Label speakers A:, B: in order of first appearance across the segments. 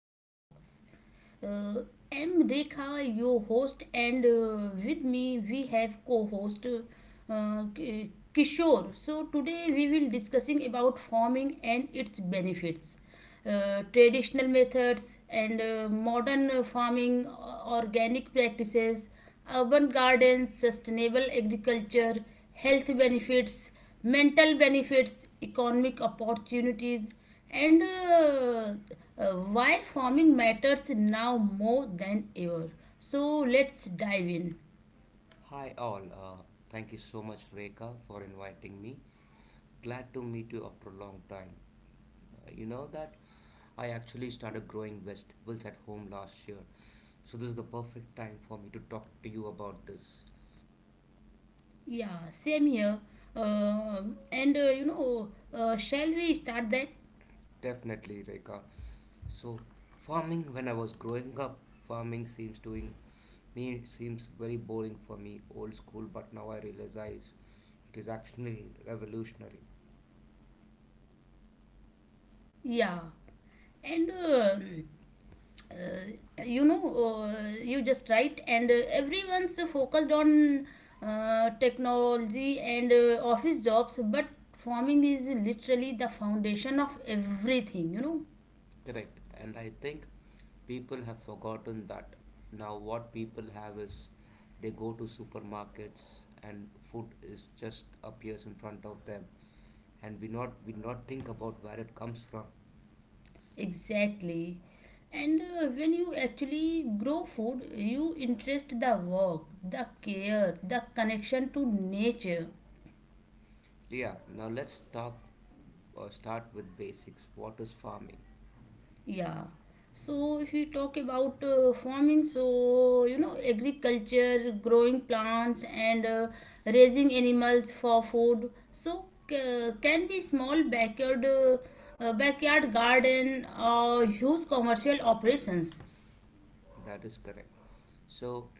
A: Life Talks. Uh, I'm Rekha, your host, and with me we have co-host Kishore. So today we will discussing about farming and its benefits, traditional methods and modern farming, organic practices, urban gardens, sustainable agriculture, health benefits, mental benefits, economic opportunities, and why farming matters now more than ever. So let's dive in.
B: Hi all. Thank you so much, Reka, for inviting me. Glad to meet you after a long time. You know that I actually started growing vegetables at home last year, so this is the perfect time for me to talk to you about this.
A: Yeah, same here. Uh, and shall we start that?
B: Definitely, Reka. So, farming when I was growing up, farming seems very boring for me, old school. But now I realize it is actually revolutionary.
A: Yeah. And uh, you know, you just right, and everyone's focused on technology and office jobs, but farming is literally the foundation of everything.
B: Correct. And I think people have forgotten that. Now what people have is they go to supermarkets and food is just appears in front of them and we not think about where it comes from.
A: Exactly. And when you actually grow food, you interest the work, the care, the connection to nature.
B: Yeah, now let's talk start with basics. What is farming?
A: Yeah. So if you talk about farming, so agriculture, growing plants and raising animals for food. So can be small backyard, backyard garden or huge commercial operations.
B: That is correct. So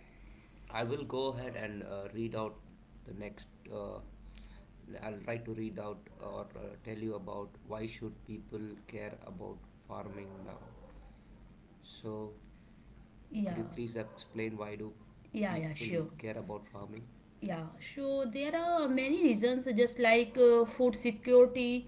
B: I will go ahead and read out the next. I'll try to read out or tell you about why should people care about farming now. So could
A: Yeah.
B: you please explain why do
A: Yeah. Yeah.
B: people
A: Sure.
B: care about farming?
A: Yeah, so there are many reasons just like food security.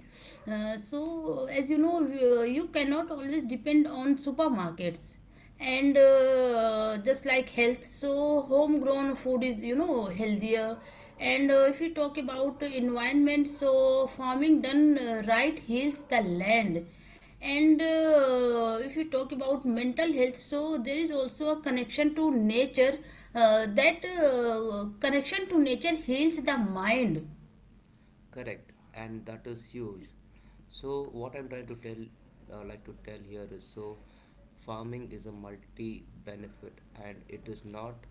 A: So as you know, you cannot always depend on supermarkets. And just like health, so homegrown food is healthier. And if you talk about environment, so farming done right heals the land. And if you talk about mental health, so there is also a connection to nature, that connection to nature heals the mind.
B: Correct, and that is huge. So what I'm trying to tell, like to tell here is so farming is a multi-benefit and it is not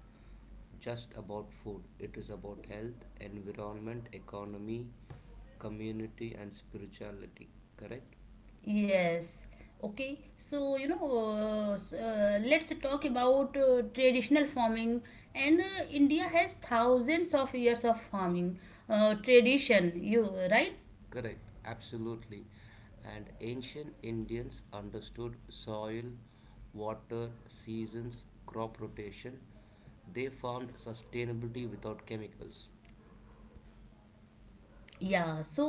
B: just about food. It is about health, environment, economy, community and spirituality. Correct?
A: Yes, okay. So let's talk about traditional farming, and India has thousands of years of farming tradition, you right.
B: Correct, absolutely. And ancient Indians understood soil, water, seasons, crop rotation. They found sustainability without chemicals.
A: Yeah. So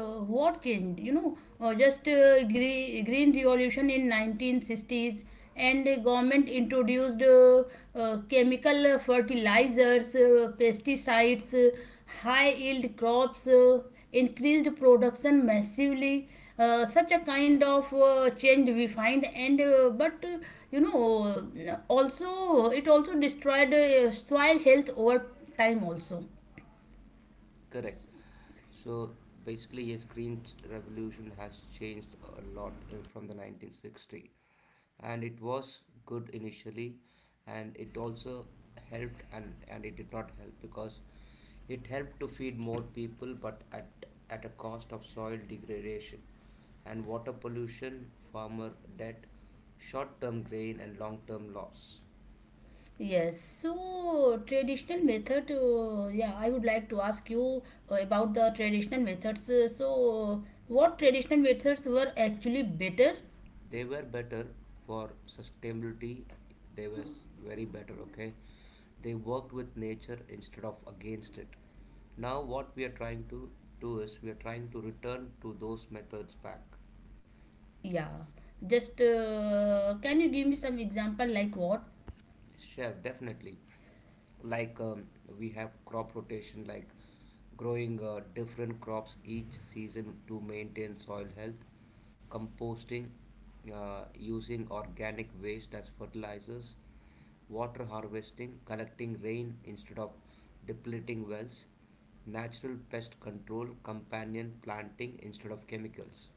A: what changed? You know just Green revolution in 1960s, and the government introduced chemical fertilizers, pesticides, high yield crops, increased production massively. Such a kind of change we find, and but you know also, it also destroyed soil health over time also.
B: Correct. So basically, yes, revolution has changed a lot in, from the 1960, and it was good initially, and it also helped and it did not help because it helped to feed more people, but at a cost of soil degradation and water pollution, farmer debt, short-term gain, and long-term loss.
A: Yes. So traditional method, yeah, I would like to ask you about the traditional methods. So, what traditional methods were actually better?
B: They were better for sustainability, very better, okay. They worked with nature instead of against it. Now what we are trying to do is we are trying to return to those methods back.
A: Yeah, just can you give me some example like what?
B: Chef definitely. Like we have crop rotation, like growing different crops each season to maintain soil health, composting, using organic waste as fertilizers, water harvesting, collecting rain instead of depleting wells, natural pest control, companion planting instead of chemicals.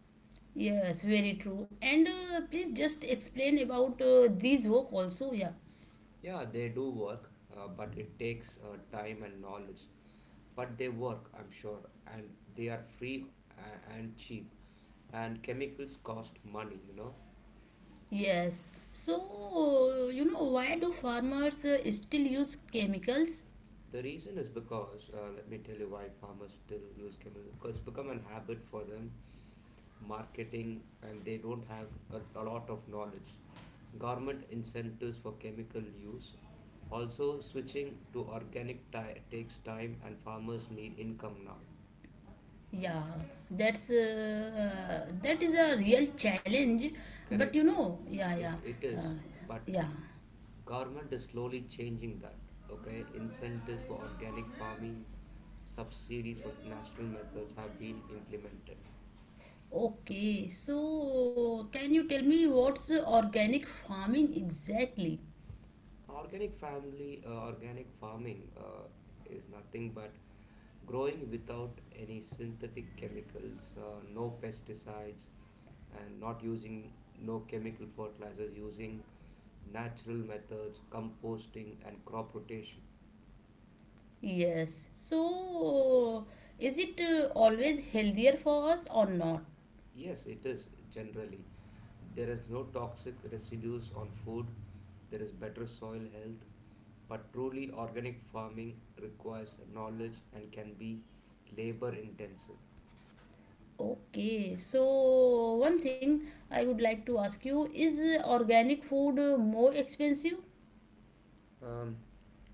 A: Yes, very true. And please just explain about these work also. Yeah.
B: Yeah, they do work, but it takes time and knowledge. But they work, I'm sure, and they are free and cheap. And chemicals cost money, you know.
A: Yes. So, why do farmers still use chemicals?
B: The reason is because, let me tell you why farmers still use chemicals, because it's become an habit for them, marketing, and they don't have a lot of knowledge, government incentives for chemical use, also switching to takes time and farmers need income now.
A: Yeah, that is a real challenge. But
B: Correct.
A: yeah,
B: it,
A: yeah,
B: it
A: uh,
B: is. But
A: yeah.
B: government is slowly changing that. Okay, incentives for organic farming, subsidies for natural methods have been implemented.
A: Okay, so can you tell me what's organic farming exactly?
B: Organic farming is nothing but growing without any synthetic chemicals, no pesticides, and not using no chemical fertilizers, using natural methods, composting, and crop rotation.
A: Yes. So is it always healthier for us or not?
B: Yes, it is generally. There is no toxic residues on food, there is better soil health, but truly organic farming requires knowledge and can be labor intensive.
A: Okay, so one thing I would like to ask you is organic food more expensive?
B: Um,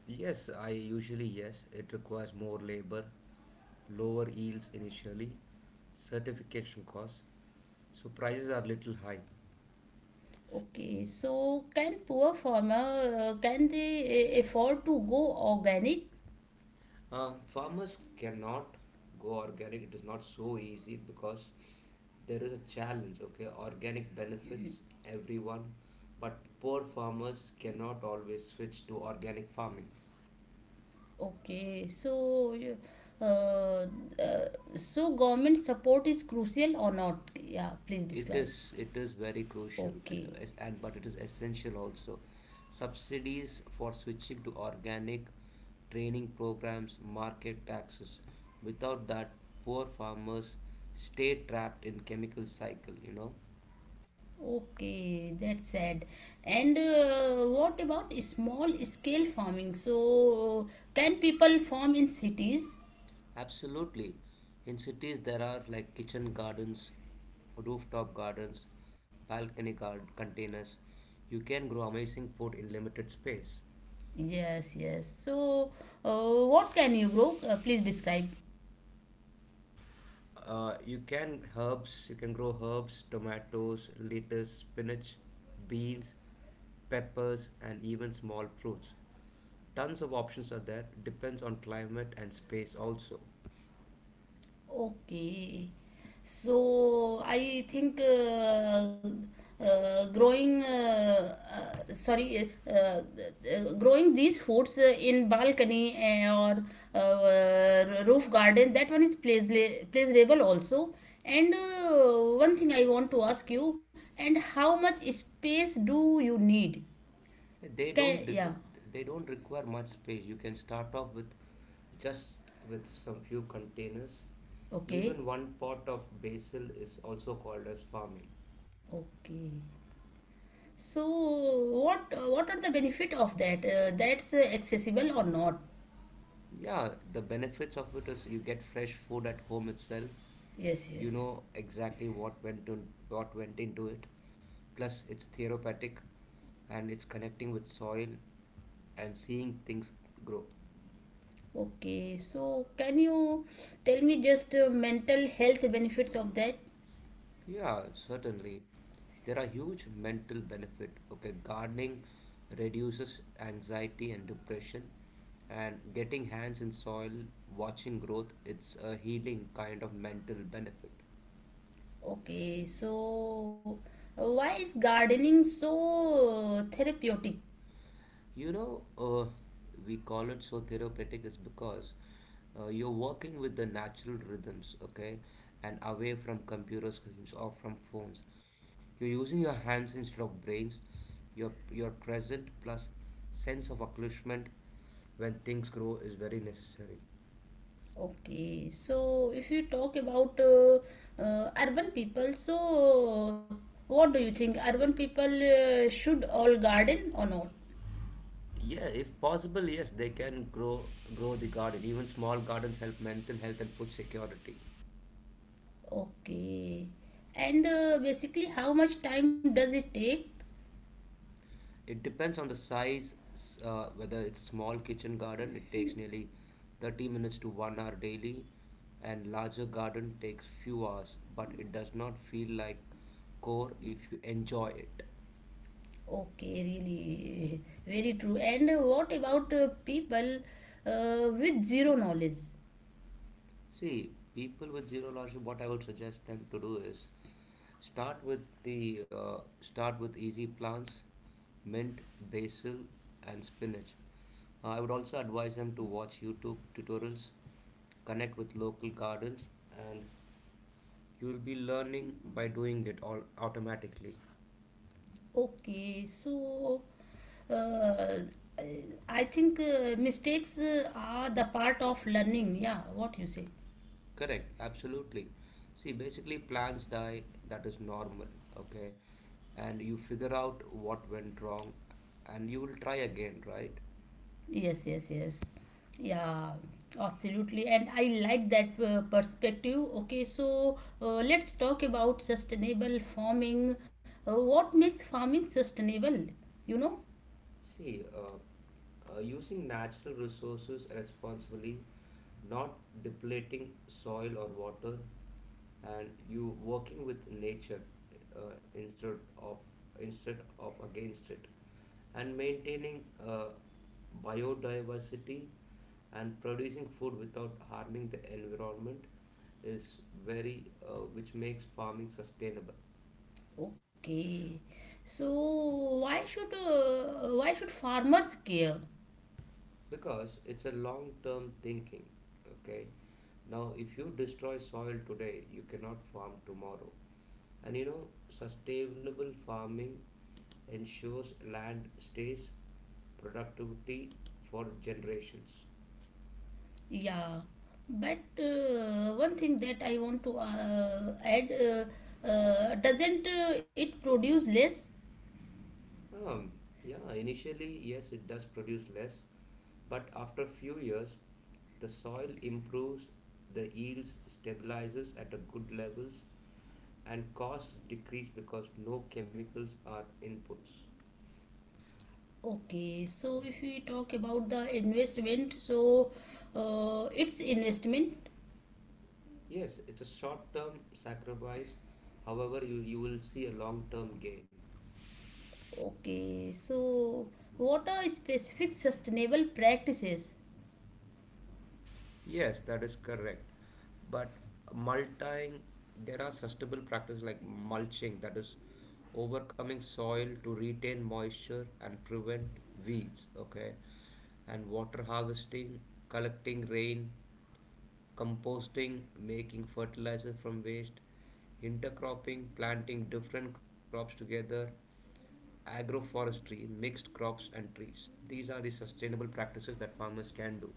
B: yes, I usually yes. It requires more labor, lower yields initially, certification costs, so prices are little high.
A: Okay, so can poor farmer can they afford to go organic?
B: Farmers cannot go organic. It is not so easy because there is a challenge. Okay, organic benefits everyone, but poor farmers cannot always switch to organic farming.
A: Okay, so uh, uh, government support is crucial or not? Yeah, please
B: It
A: describe.
B: is it is very crucial,
A: Okay,
B: es- and but it is essential also. Subsidies for switching to organic, training programs, market taxes. Without that, poor farmers stay trapped in chemical cycle, you know.
A: okay, that's sad. And what about small scale farming? So can people farm in cities?
B: Absolutely. In cities there are like kitchen gardens, rooftop gardens, containers. You can grow amazing food in limited space.
A: Yes, yes. So what can you grow? Please describe.
B: You can grow herbs, tomatoes, lettuce, spinach, beans, peppers, and even small fruits. Tons of options are there. Depends on climate and space also.
A: Okay. So I think growing sorry, growing these foods in balcony or roof garden, that one is pleasurable also. And one thing I want to ask you, and how much space do you need? Can, yeah.
B: They don't require much space. You can start off with just with some few containers.
A: Okay.
B: Even one pot of basil is also called as farming.
A: Okay. So what are the benefit of that? That's accessible or not?
B: Yeah, the benefits of it is you get fresh food at home itself.
A: Yes,
B: You know
A: yes.
B: exactly what went into it. Plus, it's therapeutic, and it's connecting with soil and seeing things grow.
A: Okay. So can you tell me just mental health benefits of that?
B: Yeah, certainly. There are huge mental benefit. Okay, gardening reduces anxiety and depression, and getting hands in soil, watching growth, it's a healing kind of mental benefit.
A: Okay. So why is gardening so therapeutic?
B: You know, uh, we call it so therapeutic is because you're working with the natural rhythms, okay, and away from computer screens or from phones, you're using your hands instead of brains, your present plus sense of accomplishment when things grow is very necessary.
A: Okay. So if you talk about urban people, so what do you think? Urban people should all garden or not?
B: Yeah, if possible, yes, they can grow the garden. Even small gardens help mental health and food security.
A: Okay. And basically, how much time does it take?
B: It depends on the size, whether it's a small kitchen garden, it takes nearly 30 minutes to 1 hour daily, and larger garden takes few hours, but it does not feel like core if you enjoy it.
A: Okay, really, very true. And what about people with zero knowledge?
B: See, people with zero large, what I would suggest them to do is start with the uh, start with easy plants, mint, basil, and spinach. I would also advise them to watch YouTube tutorials, connect with local gardens, and you'll be learning by doing it all automatically.
A: Okay, so uh, I I think mistakes are the part of learning. Yeah, what you say?
B: Correct, absolutely. See, basically, plans die, that is normal, okay? And you figure out what went wrong and you will try again, right?
A: Yes, yes, yes. Yeah, absolutely. And I like that perspective. Okay, so let's talk about sustainable farming. What makes farming sustainable? You know?
B: See, using natural resources responsibly, not depleting soil or water, and you working with nature uh, instead of instead of against it, and maintaining biodiversity and producing food without harming the environment is very which makes farming sustainable.
A: Okay. So why should farmers care?
B: Because it's a long term thinking. Okay, now if you destroy soil today, you cannot farm tomorrow. And you know, sustainable farming ensures land stays productivity for generations.
A: Yeah. But one thing that I want to add, doesn't it produce less?
B: Um, yeah, initially, yes, it does produce less, but after few years, the soil improves, the yields stabilizes at a good levels, and costs decrease because no chemicals are inputs.
A: Okay, so if we talk about the investment, so it's investment.
B: Yes, it's a short-term sacrifice. However, you will see a long-term gain.
A: Okay, so what are specific sustainable practices?
B: Yes, that is correct. But mulching, there are sustainable practices like mulching, that is overcoming soil to retain moisture and prevent weeds, okay? And water harvesting, collecting rain, composting, making fertilizer from waste, intercropping, planting different crops together, agroforestry, mixed crops, and trees. These are the sustainable practices that farmers can do.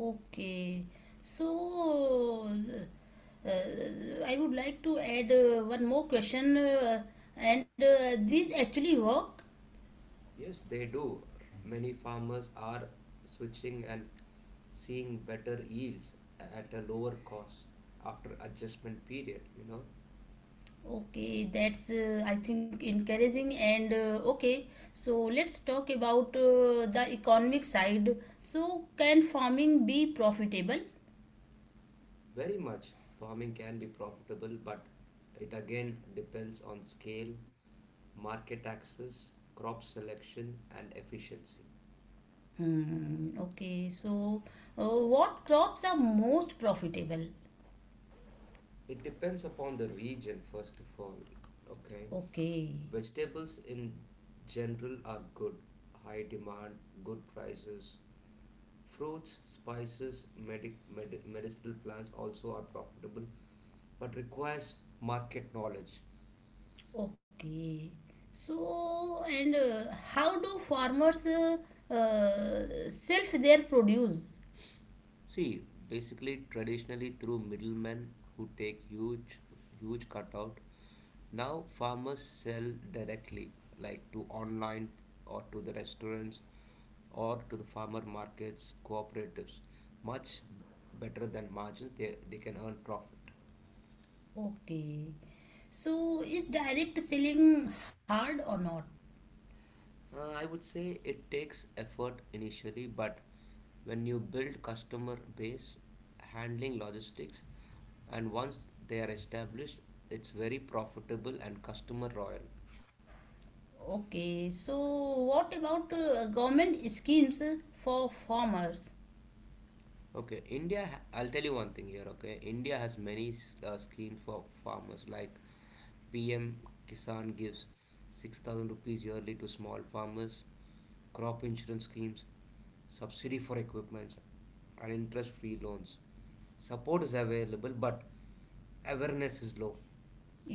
A: Okay, so I would like to add one more question, and these actually work.
B: Yes, they do. Many farmers are switching and seeing better yields at a lower cost after adjustment period, you know.
A: Okay, that's I think encouraging, and okay. So let's talk about the economic side. So can farming be profitable?
B: Very much farming can be profitable, but it again depends on scale, market access, crop selection, and efficiency.
A: Hmm, okay, so what crops are most profitable?
B: It depends upon the region, first of all. Okay,
A: Okay,
B: vegetables in general are good, high demand, good prices. Fruits, spices, medicinal plants also are profitable but requires market knowledge.
A: okay. So and how do farmers self their produce?
B: See, basically traditionally through middlemen who take huge cutout. Now farmers sell directly, like to online or to the restaurants or to the farmer markets, cooperatives, much better than margin, they can earn profit.
A: Okay. So is direct selling hard or not?
B: I would say it takes effort initially, but when you build customer base, handling logistics, and once they are established, it's very profitable and customer loyal.
A: Okay, so what about government schemes for farmers?
B: Okay, India, I'll tell you one thing here, okay? India has many schemes for farmers like PM Kisan gives 6,000 rupees yearly to small farmers, crop insurance schemes, subsidy for equipments, and interest free loans. Support is available, but awareness is low.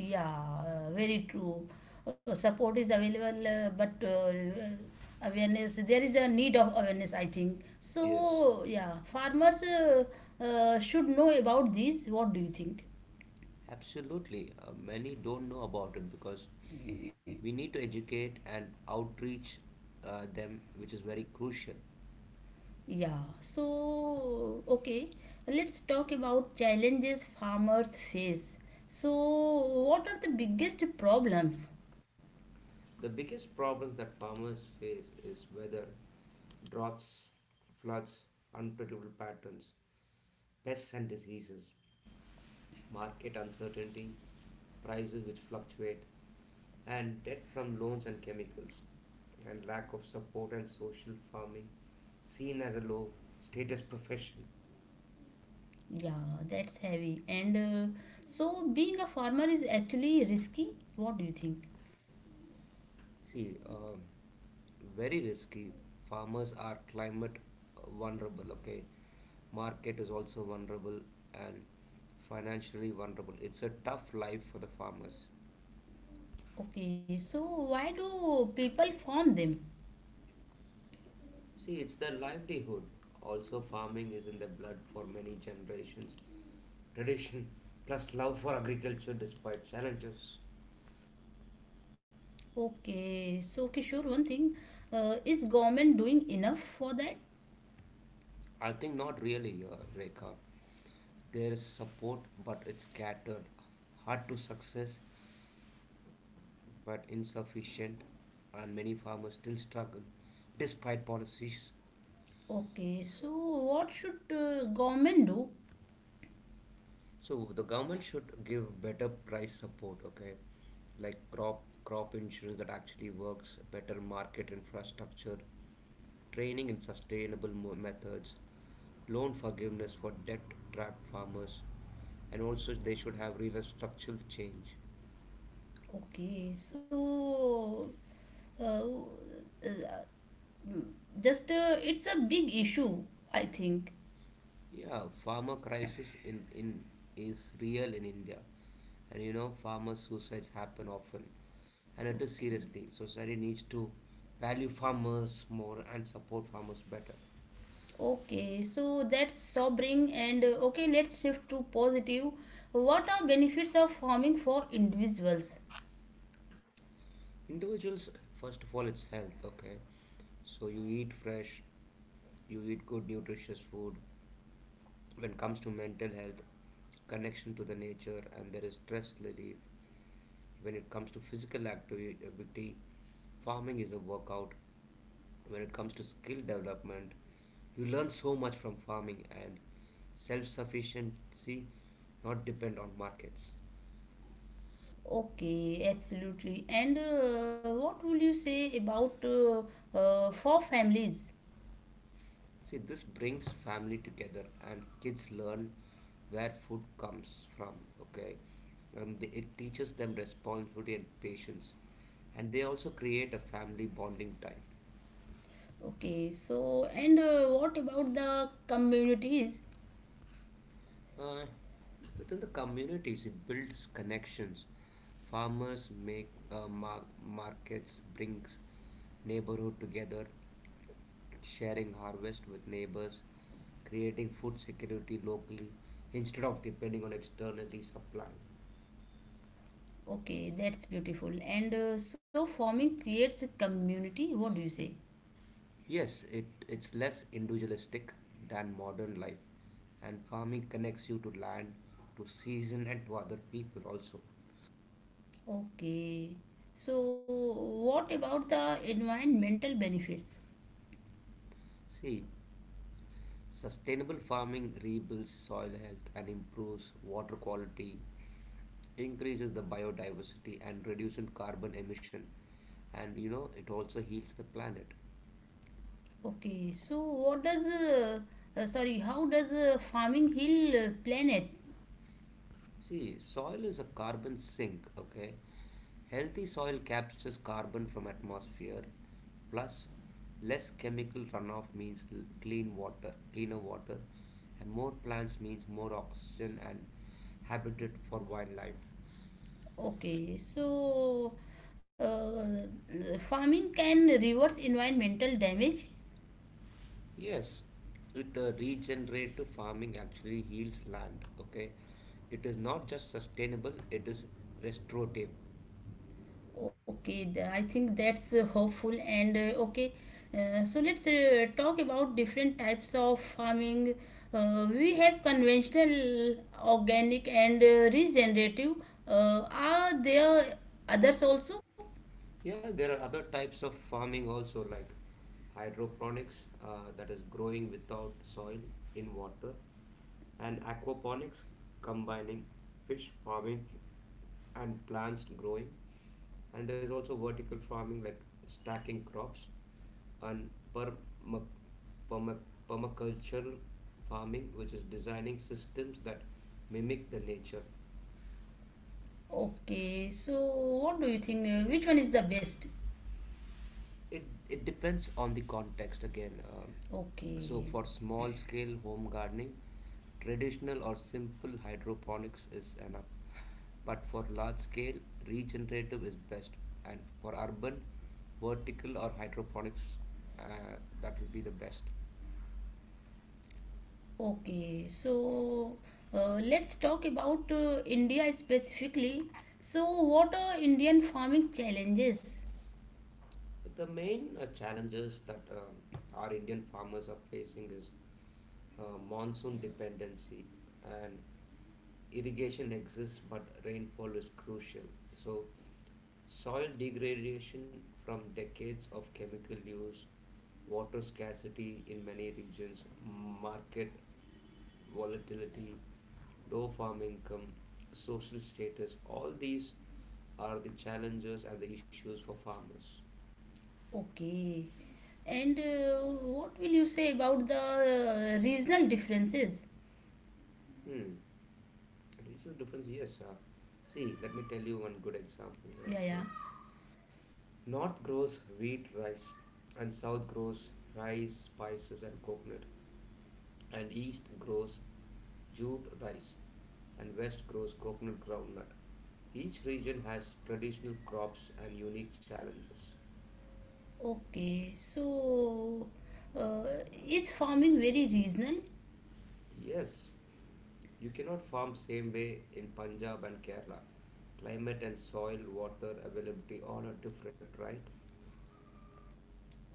A: Yeah, very true. Support is available, but awareness, there is a need of awareness, I think.
B: Yes,
A: So, yeah, farmers should know about this. What do you think?
B: absolutely. Many don't know about it because we need to educate and outreach them, which is very crucial.
A: Yeah. So, okay, let's talk about challenges farmers face. So, what are the biggest problems?
B: The biggest problems that farmers face is weather, droughts, floods, unpredictable patterns, pests and diseases, market uncertainty, prices which fluctuate, and debt from loans and chemicals, and lack of support and social farming seen as a low status profession.
A: Yeah, that's heavy. And so being a farmer is actually risky. What do you think?
B: See, very risky. Farmers are climate vulnerable, okay? Market is also vulnerable and financially vulnerable. It's a tough life for the farmers.
A: Okay, so why do people farm them?
B: See, it's their livelihood. Also, farming is in their blood for many generations. Tradition plus love for agriculture despite challenges.
A: Okay, so Kishore, one thing, is government doing enough for that?
B: I think not really, Rekha. There is support, but it's scattered. Hard to success, but insufficient, and many farmers still struggle despite policies.
A: Okay, so what should government do?
B: So the government should give better price support, okay? Like crop insurance that actually works, better market infrastructure, training in methods, loan forgiveness for debt-trapped farmers, and also they should have real structural change.
A: Okay, so uh, uh, just it's a big issue, I think.
B: Yeah, farmer crisis in is real in India, and you know farmer suicides happen often, and it is
A: Okay.
B: seriously. Society needs to value farmers more and support farmers better.
A: Okay, so that's sobering, and okay, let's shift to positive. What are benefits of farming for individuals?
B: Individuals, first of all, it's health. Okay, so you eat fresh, you eat good nutritious food. When it comes to mental health, connection to the nature, and there is stress relief. When it comes to physical activity, farming is a workout. When it comes to skill development, you learn so much from farming. And self-sufficiency, not depend on markets.
A: Okay, absolutely. And what will you say about for families?
B: See, this brings family together and kids learn where food comes from. Okay, and it teaches them responsibility and patience, and they also create a family bonding time.
A: Okay, so and what about the communities?
B: uh, Within the communities, it builds connections. Farmers make uh, mar- markets, brings neighborhood together, sharing harvest with neighbors, creating food security locally instead of depending on externally supply.
A: Okay, that's beautiful. And so farming creates a community. What do you say?
B: Yes, it's less individualistic than modern life, and farming connects you to land, to season, and to other people also.
A: Okay. So what about the environmental benefits?
B: See, sustainable farming rebuilds soil health and improves water quality, increases the biodiversity, and reduces carbon emission. And you know, it also heals the planet.
A: Okay, so what does sorry, how does farming heal planet?
B: See, soil is a carbon sink, okay? Healthy soil captures carbon from atmosphere, plus less chemical runoff means clean water, cleaner water, and more plants means more oxygen and habitat for wildlife.
A: Okay, so farming can reverse environmental damage.
B: Yes, it regenerative farming actually heals land, okay? It is not just sustainable, it is restorative.
A: Okay, I think that's hopeful, and okay. So let's talk about different types of farming. We have conventional, organic, and regenerative. Are there others also?
B: Yeah, there are other types of farming also, like hydroponics, that is growing without soil in water, and aquaponics, combining fish farming and plants growing. And there's also vertical farming, like stacking crops, and perma- permacultural farming, which is designing systems that mimic the nature.
A: Okay, so what do you think? Which one is the best?
B: It depends on the context again. So
A: Okay,
B: for small scale home gardening, traditional or simple hydroponics is enough, but for large scale, regenerative is best, and for urban, vertical or hydroponics, uh, that will be the best.
A: okay. So let's talk about India specifically. So what are Indian farming challenges?
B: The main challenges that our Indian farmers are facing is monsoon dependency, and irrigation exists, but rainfall is crucial. So, soil degradation from decades of chemical use, water scarcity in many regions, market volatility, low farm income, social status, all these are the challenges and the issues for farmers.
A: Okay. And what will you say about the regional differences?
B: Hmm, Regional difference, yes. See, let me tell you one good example
A: Yeah,
B: here,
A: yeah.
B: okay? North grows wheat, rice, and south grows rice, spices, and coconut, and east grows jute, rice, and west grows coconut, groundnut. Each region has traditional crops and unique challenges.
A: Okay, so uh, is farming very regional?
B: Yes, you cannot farm same way in Punjab and Kerala. Climate and soil water availability all are different, right?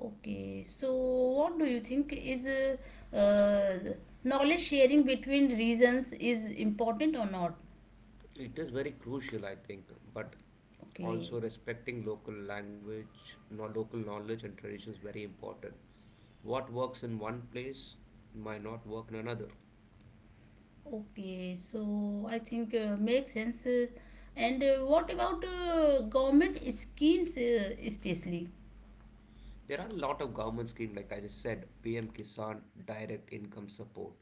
A: Okay, so what do you think is knowledge sharing between regions is important or not?
B: It is very crucial, I think, but
A: Okay,
B: also respecting local language, no local knowledge and traditions very important. What works in one place might not work in another.
A: okay, so I think makes sense. And what about government schemes especially?
B: There are a lot of government schemes, like I just said, PM Kisan, direct income support.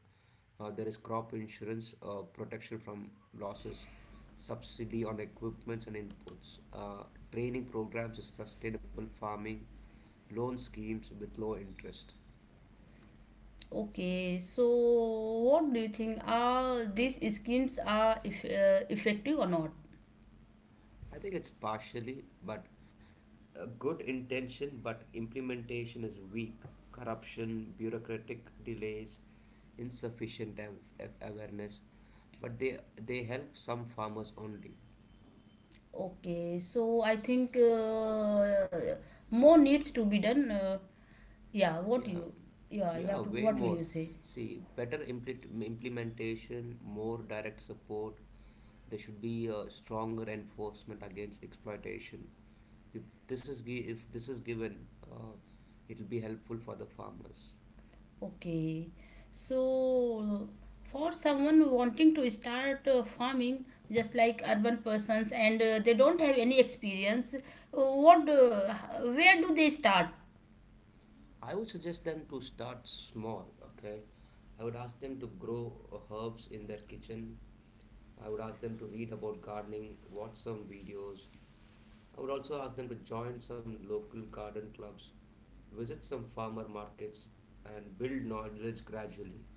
B: There is crop insurance, protection from losses, subsidy on equipments and inputs, training programs, sustainable farming, loan schemes with low interest.
A: Okay, so what do you think, are these schemes are effective or not?
B: I think it's partially, but a good intention, but implementation is weak. Corruption, bureaucratic delays, insufficient av- awareness, but they help some farmers only.
A: Okay, so I think more needs to be done. Yeah, what
B: Yeah,
A: you yeah, yeah
B: yeah,
A: to,
B: way
A: what will you
B: more.
A: say?
B: See, better implementation, more direct support. There should be a stronger enforcement against exploitation. If this is given, uh, it'll be helpful for the farmers.
A: Okay. So for someone wanting to start farming, just like urban persons, and they don't have any experience, what where do they start?
B: I would suggest them to start small, okay? I would ask them to grow herbs in their kitchen. I would ask them to read about gardening, watch some videos. I would also ask them to join some local garden clubs, visit some farmer markets, and build knowledge gradually.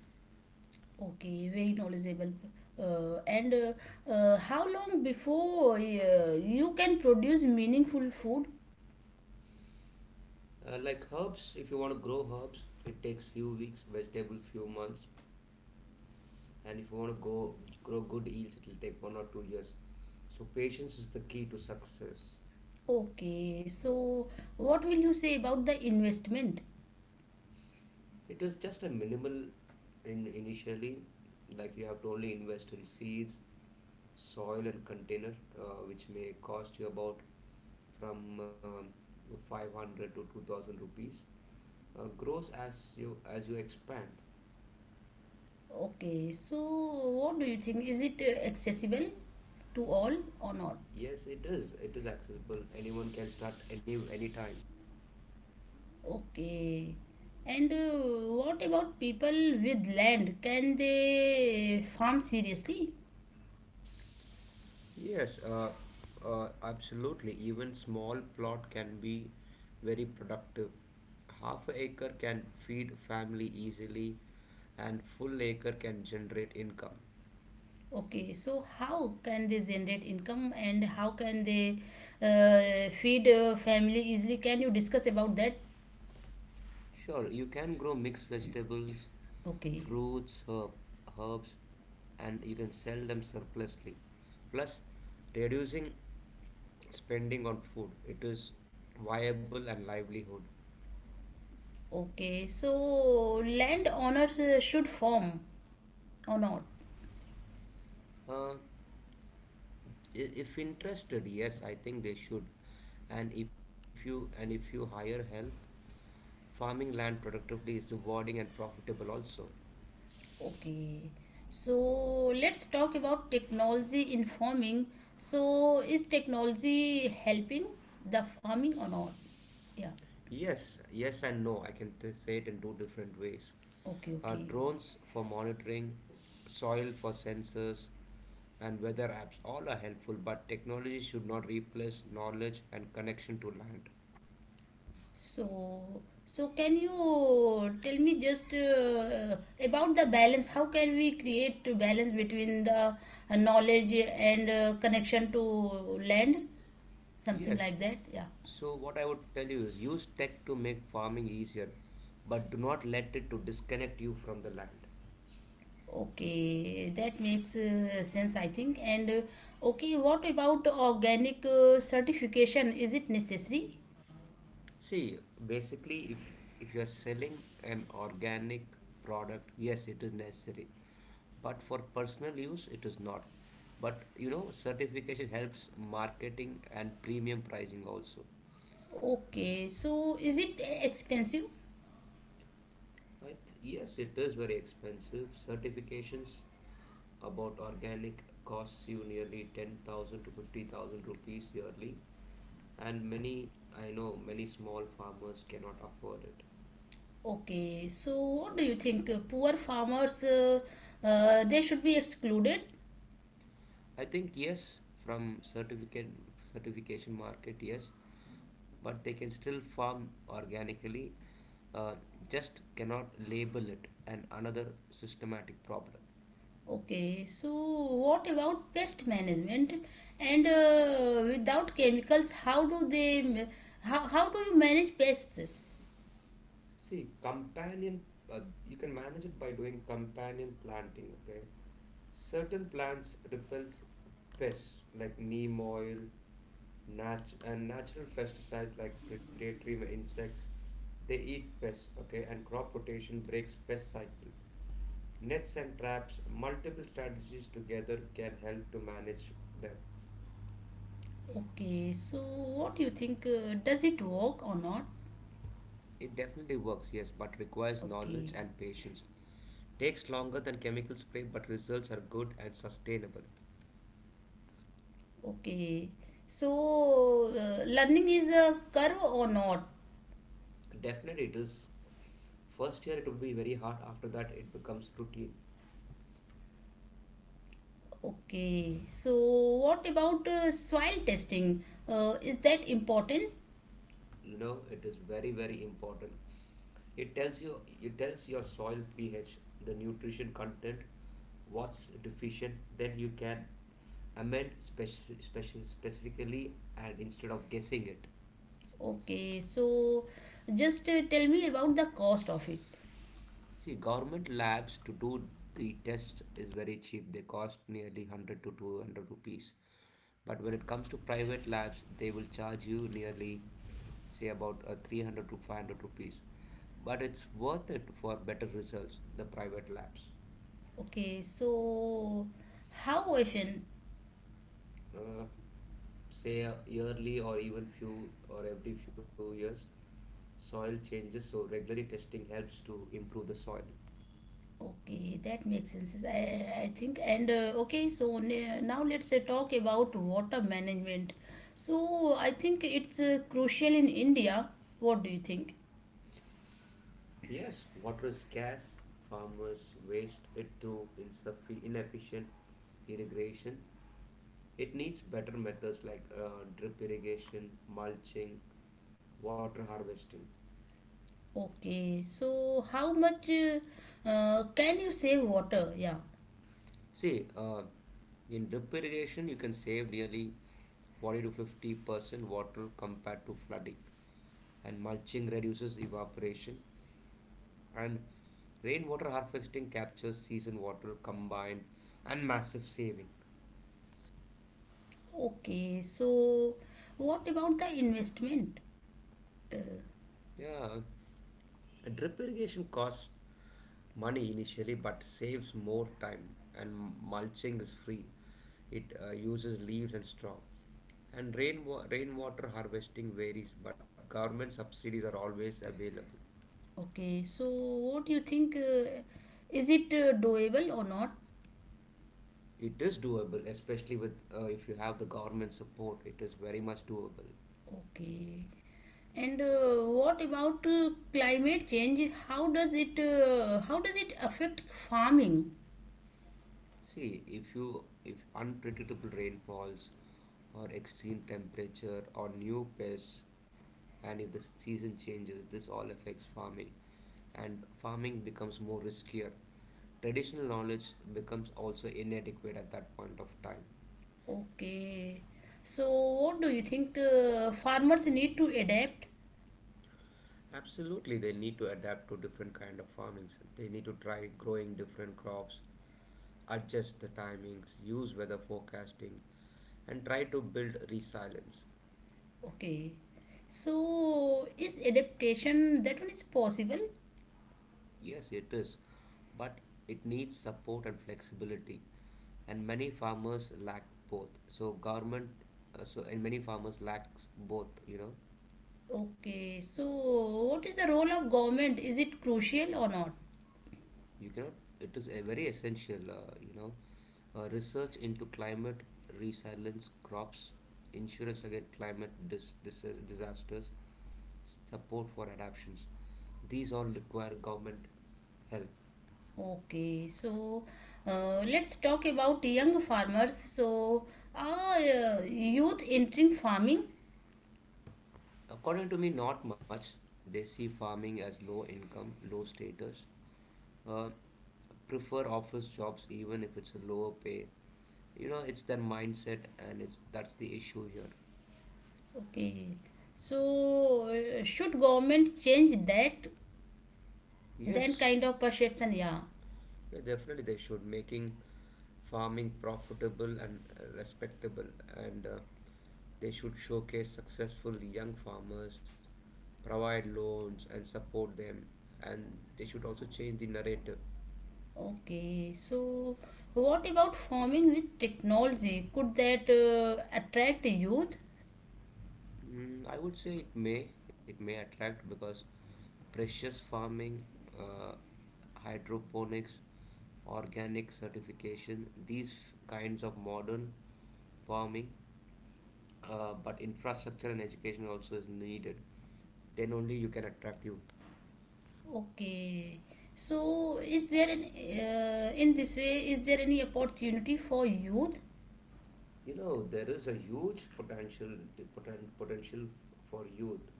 A: Okay, very knowledgeable. And how long before you can produce meaningful food?
B: Like herbs, if you want to grow herbs, it takes few weeks, vegetable few months, and if you want to go grow good yields, it will take 1 or 2 years. So patience is the key to success.
A: Okay, so what will you say about the investment?
B: It is just a minimal in initially, like you have to only invest in seeds, soil, and container, which may cost you about from ₹500 to ₹2000. Grows as you expand.
A: Okay, so what do you think? Is it accessible to all or not?
B: Yes, it is accessible. Anyone can start anytime.
A: Okay. And what about people with land? Can they farm seriously?
B: Yes, absolutely, even small plot can be very productive. Half a acre can feed family easily, and full acre can generate income.
A: Okay, so how can they generate income and how can they feed family easily? Can you discuss about that?
B: Sure, you can grow mixed vegetables,
A: Okay,
B: fruits, herbs, and you can sell them surplusly. Plus, reducing spending on food, it is viable and livelihood.
A: okay. So land owners should farm or not?
B: Uh, if interested, yes, I think they should. And if you hire help, farming land productively is rewarding and profitable also.
A: Okay, so let's talk about technology in farming. So, is technology helping the farming or not? Yeah,
B: Yes, yes and no. I can say it in two different ways.
A: okay, okay.
B: Drones for monitoring, soil for sensors, and weather apps all are helpful, but technology should not replace knowledge and connection to land.
A: So, can you tell me just about the balance? How can we create a balance between the knowledge and connection to land? Something
B: Yes,
A: like that, yeah.
B: so what I would tell you is use tech to make farming easier, but do not let it to disconnect you from the land.
A: Okay, that makes sense, I think. And okay, what about organic certification? Is it necessary?
B: See, basically, if you are selling an organic product, yes, it is necessary, but for personal use, it is not. But you know, certification helps marketing and premium pricing also.
A: Okay, so is it expensive?
B: Yes, it is very expensive. Certifications about organic costs you nearly ₹10,000 to ₹50,000 yearly, and many, I know, many small farmers cannot afford it.
A: Okay, so what do you think? Poor farmers, they should be excluded.
B: I think yes, from certificate certification market, yes, but they can still farm organically, uh, just cannot label it, and another systematic problem.
A: Okay, so what about pest management? And without chemicals, how do you manage pests?
B: See, uh, you can manage it by doing companion planting, okay? Certain plants repels pests like neem oil, and natural pesticides like predatory insects. They eat pests, okay, and crop rotation breaks pest cycle. Nets and traps, multiple strategies together can help to manage them.
A: Okay, so what do you think? Does it work or not?
B: It definitely works, yes, but requires knowledge
A: Okay,
B: and patience. Takes longer than chemical spray, but results are good and sustainable.
A: okay. So, learning is a curve or not?
B: Definitely, it is. First year it would be very hard, after that, it becomes routine.
A: Okay. So, what about soil testing? Is that important?
B: No, it is very very important. It tells you, it tells your soil ph, the nutrition content, what's deficient. Then you can amend specifically and instead of guessing it.
A: Okay. So, just tell me about the cost of it.
B: See, government labs to do the test is very cheap. They cost nearly ₹100 to ₹200, but when it comes to private labs, they will charge you nearly say about ₹300 to ₹500, but it's worth it for better results, the private labs.
A: Okay. So, how often?
B: uh, Say yearly or even few or every few years. Soil changes, so regularly testing helps to improve the soil.
A: Okay, that makes sense, I think. And okay, so now let's talk about water management. So, I think it's crucial in India. What do you think?
B: Yes, water is scarce. Farmers waste it through inefficient irrigation. It needs better methods like drip irrigation, mulching, water harvesting.
A: Okay, so how much can you save water? Yeah.
B: See, in drip irrigation you can save nearly 40 to 50% water compared to flooding, and mulching reduces evaporation, and rainwater harvesting captures season water combined and massive saving.
A: Okay, so what about the investment? Uh,
B: Yeah, drip irrigation costs money initially but saves more time, and mulching is free. It uses leaves and straw. And rainwater harvesting varies, but government subsidies are always available.
A: okay, so what do you think? Is it doable or not?
B: It is doable, especially with if you have the government support. It is very much doable.
A: Okay. And what about climate change? How does it affect farming?
B: See, if unpredictable rainfalls or extreme temperature or new pests, and if the season changes, this all affects farming and farming becomes more riskier. Traditional knowledge becomes also inadequate at that point of time.
A: Okay. So what do you think farmers need to adapt?
B: Absolutely, they need to adapt to different kind of farming. They need to try growing different crops, adjust the timings, use weather forecasting, and try to build resilience.
A: Okay. So is adaptation that one is possible?
B: Yes, it is, but it needs support and flexibility, and many farmers lack both. So government, so and many farmers lacks both. You know,
A: Okay. So what is the role of government? Is it crucial or not?
B: you cannot. It is a very essential. You know, research into climate resilience, crops, insurance against climate disasters, support for adaptations. These all require government help.
A: Okay. So let's talk about young farmers. So are youth entering farming?
B: According to me, not much. They see farming as low income, low status, uh, prefer office jobs even if it's a lower pay. You know, it's their mindset, and it's that's the issue here.
A: Okay. So should government change that then
B: Yes,
A: kind of perception? Yeah.
B: yeah, definitely they should, making farming profitable and respectable, and they should showcase successful young farmers, provide loans and support them, and they should also change the narrative.
A: Okay, so what about farming with technology? Could that attract youth?
B: Mm, I would say it may attract because precious farming, uh, hydroponics, organic certification, these kinds of modern farming, but infrastructure and education also is needed. Then only you can attract youth.
A: Okay, so is there an in this way is there any opportunity for youth?
B: You know, there is a huge potential, the potential for youth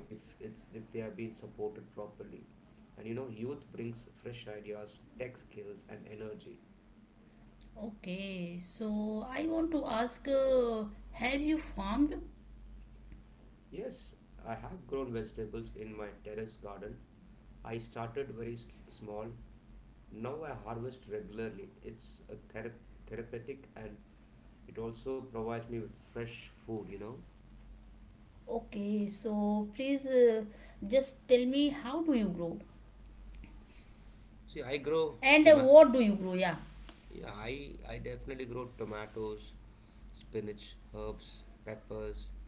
B: if they are being supported properly. And you know, youth brings fresh ideas, tech skills, and energy.
A: Okay, so I want to ask, have you farmed?
B: Yes, I have grown vegetables in my terrace garden. I started very small. Now I harvest regularly. It's a therapeutic, and it also provides me with fresh food, you know.
A: Okay, so please just tell me how do you grow
B: See, I grow
A: and
B: toma-
A: what do you grow? Yeah.
B: Yeah, I definitely grow tomatoes, spinach, herbs, peppers,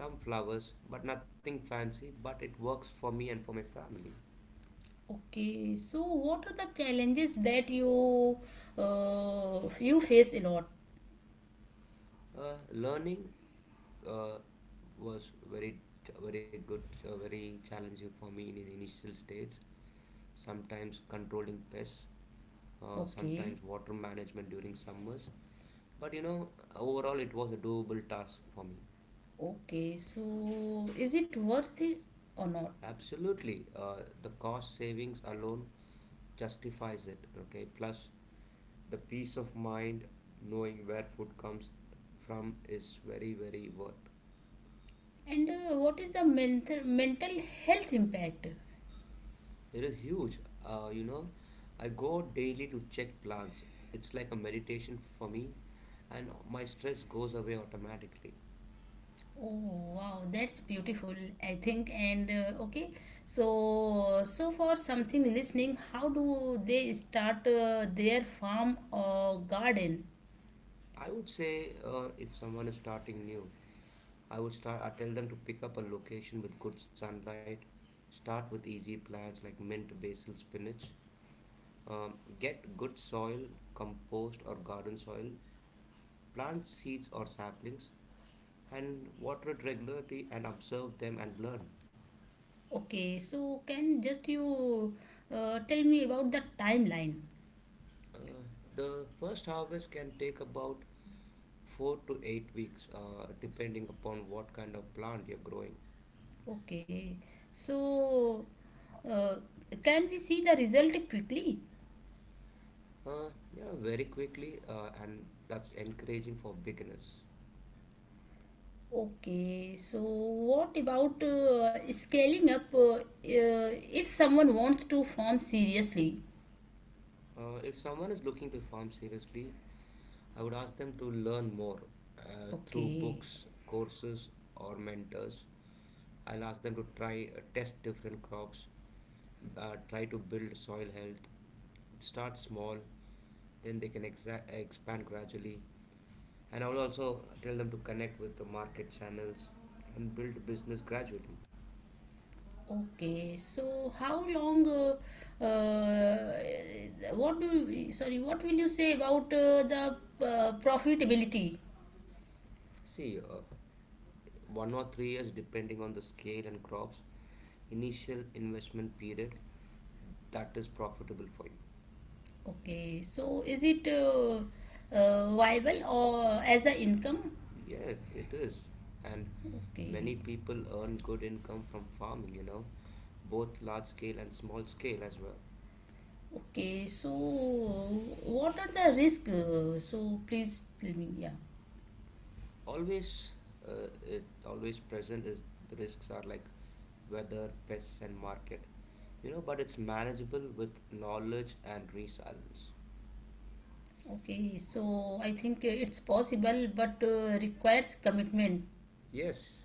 B: some flowers, but nothing fancy, but it works for me and for my family.
A: Okay, so what are the challenges that you you face a lot?
B: Learning uh, was very very good, very challenging for me in the initial stages. Sometimes controlling pests,
A: Okay,
B: sometimes water management during summers. But you know, overall, it was a doable task for me.
A: okay. So is it worth it or not?
B: Absolutely. The cost savings alone justifies it. Okay. Plus, the peace of mind knowing where food comes from is very, very worth.
A: And what is the mental health impact?
B: It is huge. You know, I go daily to check plants. It's like a meditation for me, and my stress goes away automatically.
A: Oh wow, that's beautiful. I think and okay. So so for something listening, how do they start their farm or garden?
B: I would say if someone is starting new, I tell them to pick up a location with good sunlight. Start with easy plants like mint, basil, spinach. Um, get good soil, compost or garden soil. Plant seeds or saplings and water it regularly and observe them and learn.
A: Okay, so can just you tell me about the timeline?
B: Uh, the first harvest can take about 4 to 8 weeks, depending upon what kind of plant you're growing.
A: Okay. So, uh, can we see the result quickly?
B: Uh, yeah, very quickly, and that's encouraging for beginners.
A: Okay. So, what about scaling up if someone wants to form seriously?
B: If someone is looking to farm seriously, I would ask them to learn more through
A: Okay.
B: books, courses, or mentors. I'll ask them to try test different crops, try to build soil health, start small, then they can expand gradually. And I'll also tell them to connect with the market channels and build business gradually.
A: Okay. So, how long? Uh, what do you, sorry, what will you say about the profitability?
B: See, 1 or 3 years, depending on the scale and crops, initial investment period that is profitable for you.
A: Okay, so is it viable or as a income?
B: Yes, it is. And
A: Okay.
B: many people earn good income from farming, you know, both large scale and small scale as well.
A: Okay, so what are the risks? So please tell me. Yeah.
B: Always, it always present is, the risks are like weather, pests, and market, you know, but it's manageable with knowledge and resilience.
A: Okay, so I think it's possible but requires commitment.
B: Yes,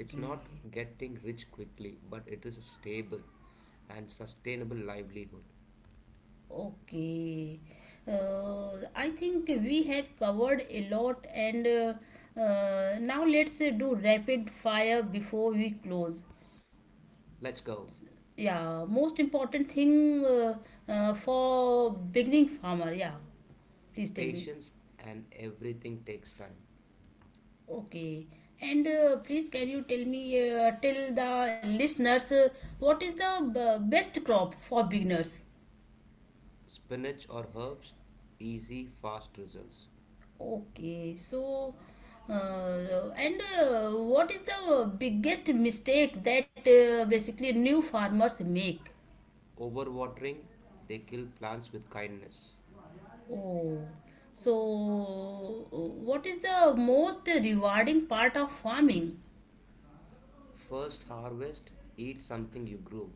B: it's not getting rich quickly, but it is a stable and sustainable livelihood.
A: Okay. I think we have covered a lot and now let's do rapid fire before we close.
B: Let's go.
A: Yeah, most important thing for beginning farmer. Yeah, please tell me.
B: Patience, and everything takes time.
A: Okay. And please, can you tell me, tell the listeners, what is the best crop for beginners?
B: Spinach or herbs, easy, fast results.
A: Okay. So, and what is the biggest mistake that basically new farmers make?
B: Overwatering, they kill plants with kindness.
A: Oh. So, what is the most rewarding part of farming?
B: First harvest, eat something you grow.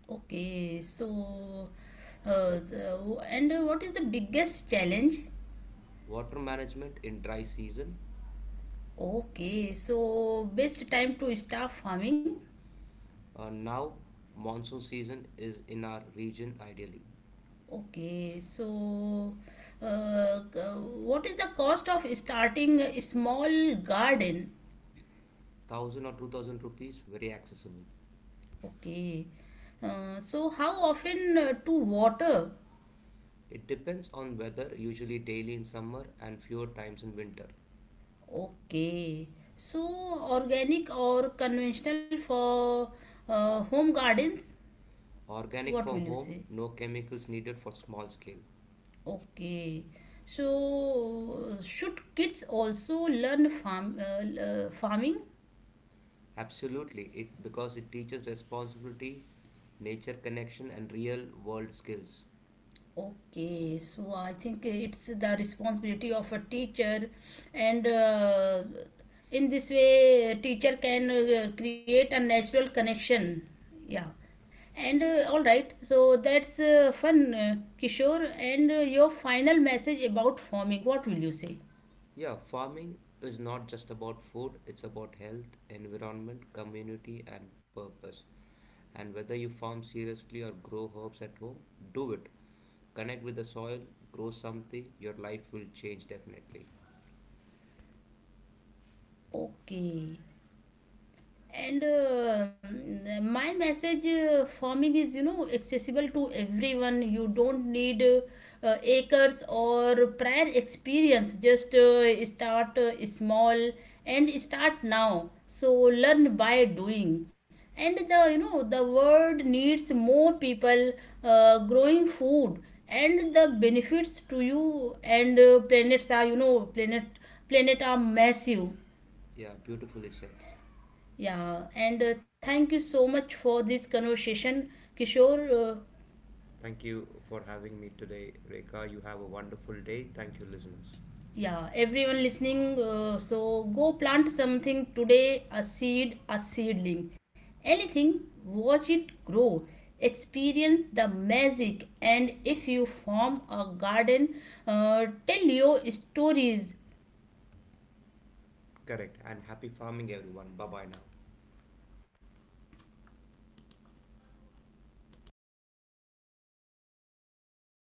A: Okay. So, and what is the biggest challenge?
B: Water management in dry season.
A: Okay, so best time to start farming.
B: Now, monsoon season is in our region ideally.
A: Okay, so uh, g- what is the cost of starting a small garden?
B: ₹1000 or ₹2000, very accessible.
A: Okay, so how often to water?
B: It depends on weather, usually daily in summer and fewer times in winter.
A: Okay, so organic or conventional for home gardens?
B: Organic
A: What will
B: for
A: you
B: home,
A: say?
B: no chemicals needed for small scale.
A: Okay, so should kids also learn farming?
B: Absolutely, it because it teaches responsibility, nature connection, and real world skills.
A: Okay, so I think it's the responsibility of a teacher, and in this way, teacher can create a natural connection. Yeah, and all right, so that's fun, Kishore. And your final message about farming, what will you say?
B: Yeah, farming is not just about food, it's about health, environment, community, and purpose. And whether you farm seriously or grow herbs at home, do it. Connect with the soil, grow something, your life will change definitely.
A: Okay. And my message forming is, you know, accessible to everyone. You don't need acres or prior experience. Just start small and start now, so learn by doing, and the you know the world needs more people growing food, and the benefits to you and planets are, you know, planet planet are massive.
B: Yeah, beautifully said.
A: Yeah, and thank you so much for this conversation, Kishore.
B: Thank you for having me today, Reka. You have a wonderful day. Thank you, listeners.
A: Yeah, everyone listening, so go plant something today, a seed, a seedling, anything, watch it grow, experience the magic. And if you form a garden, tell your stories,
B: Correct. And happy farming, everyone. Bye bye now.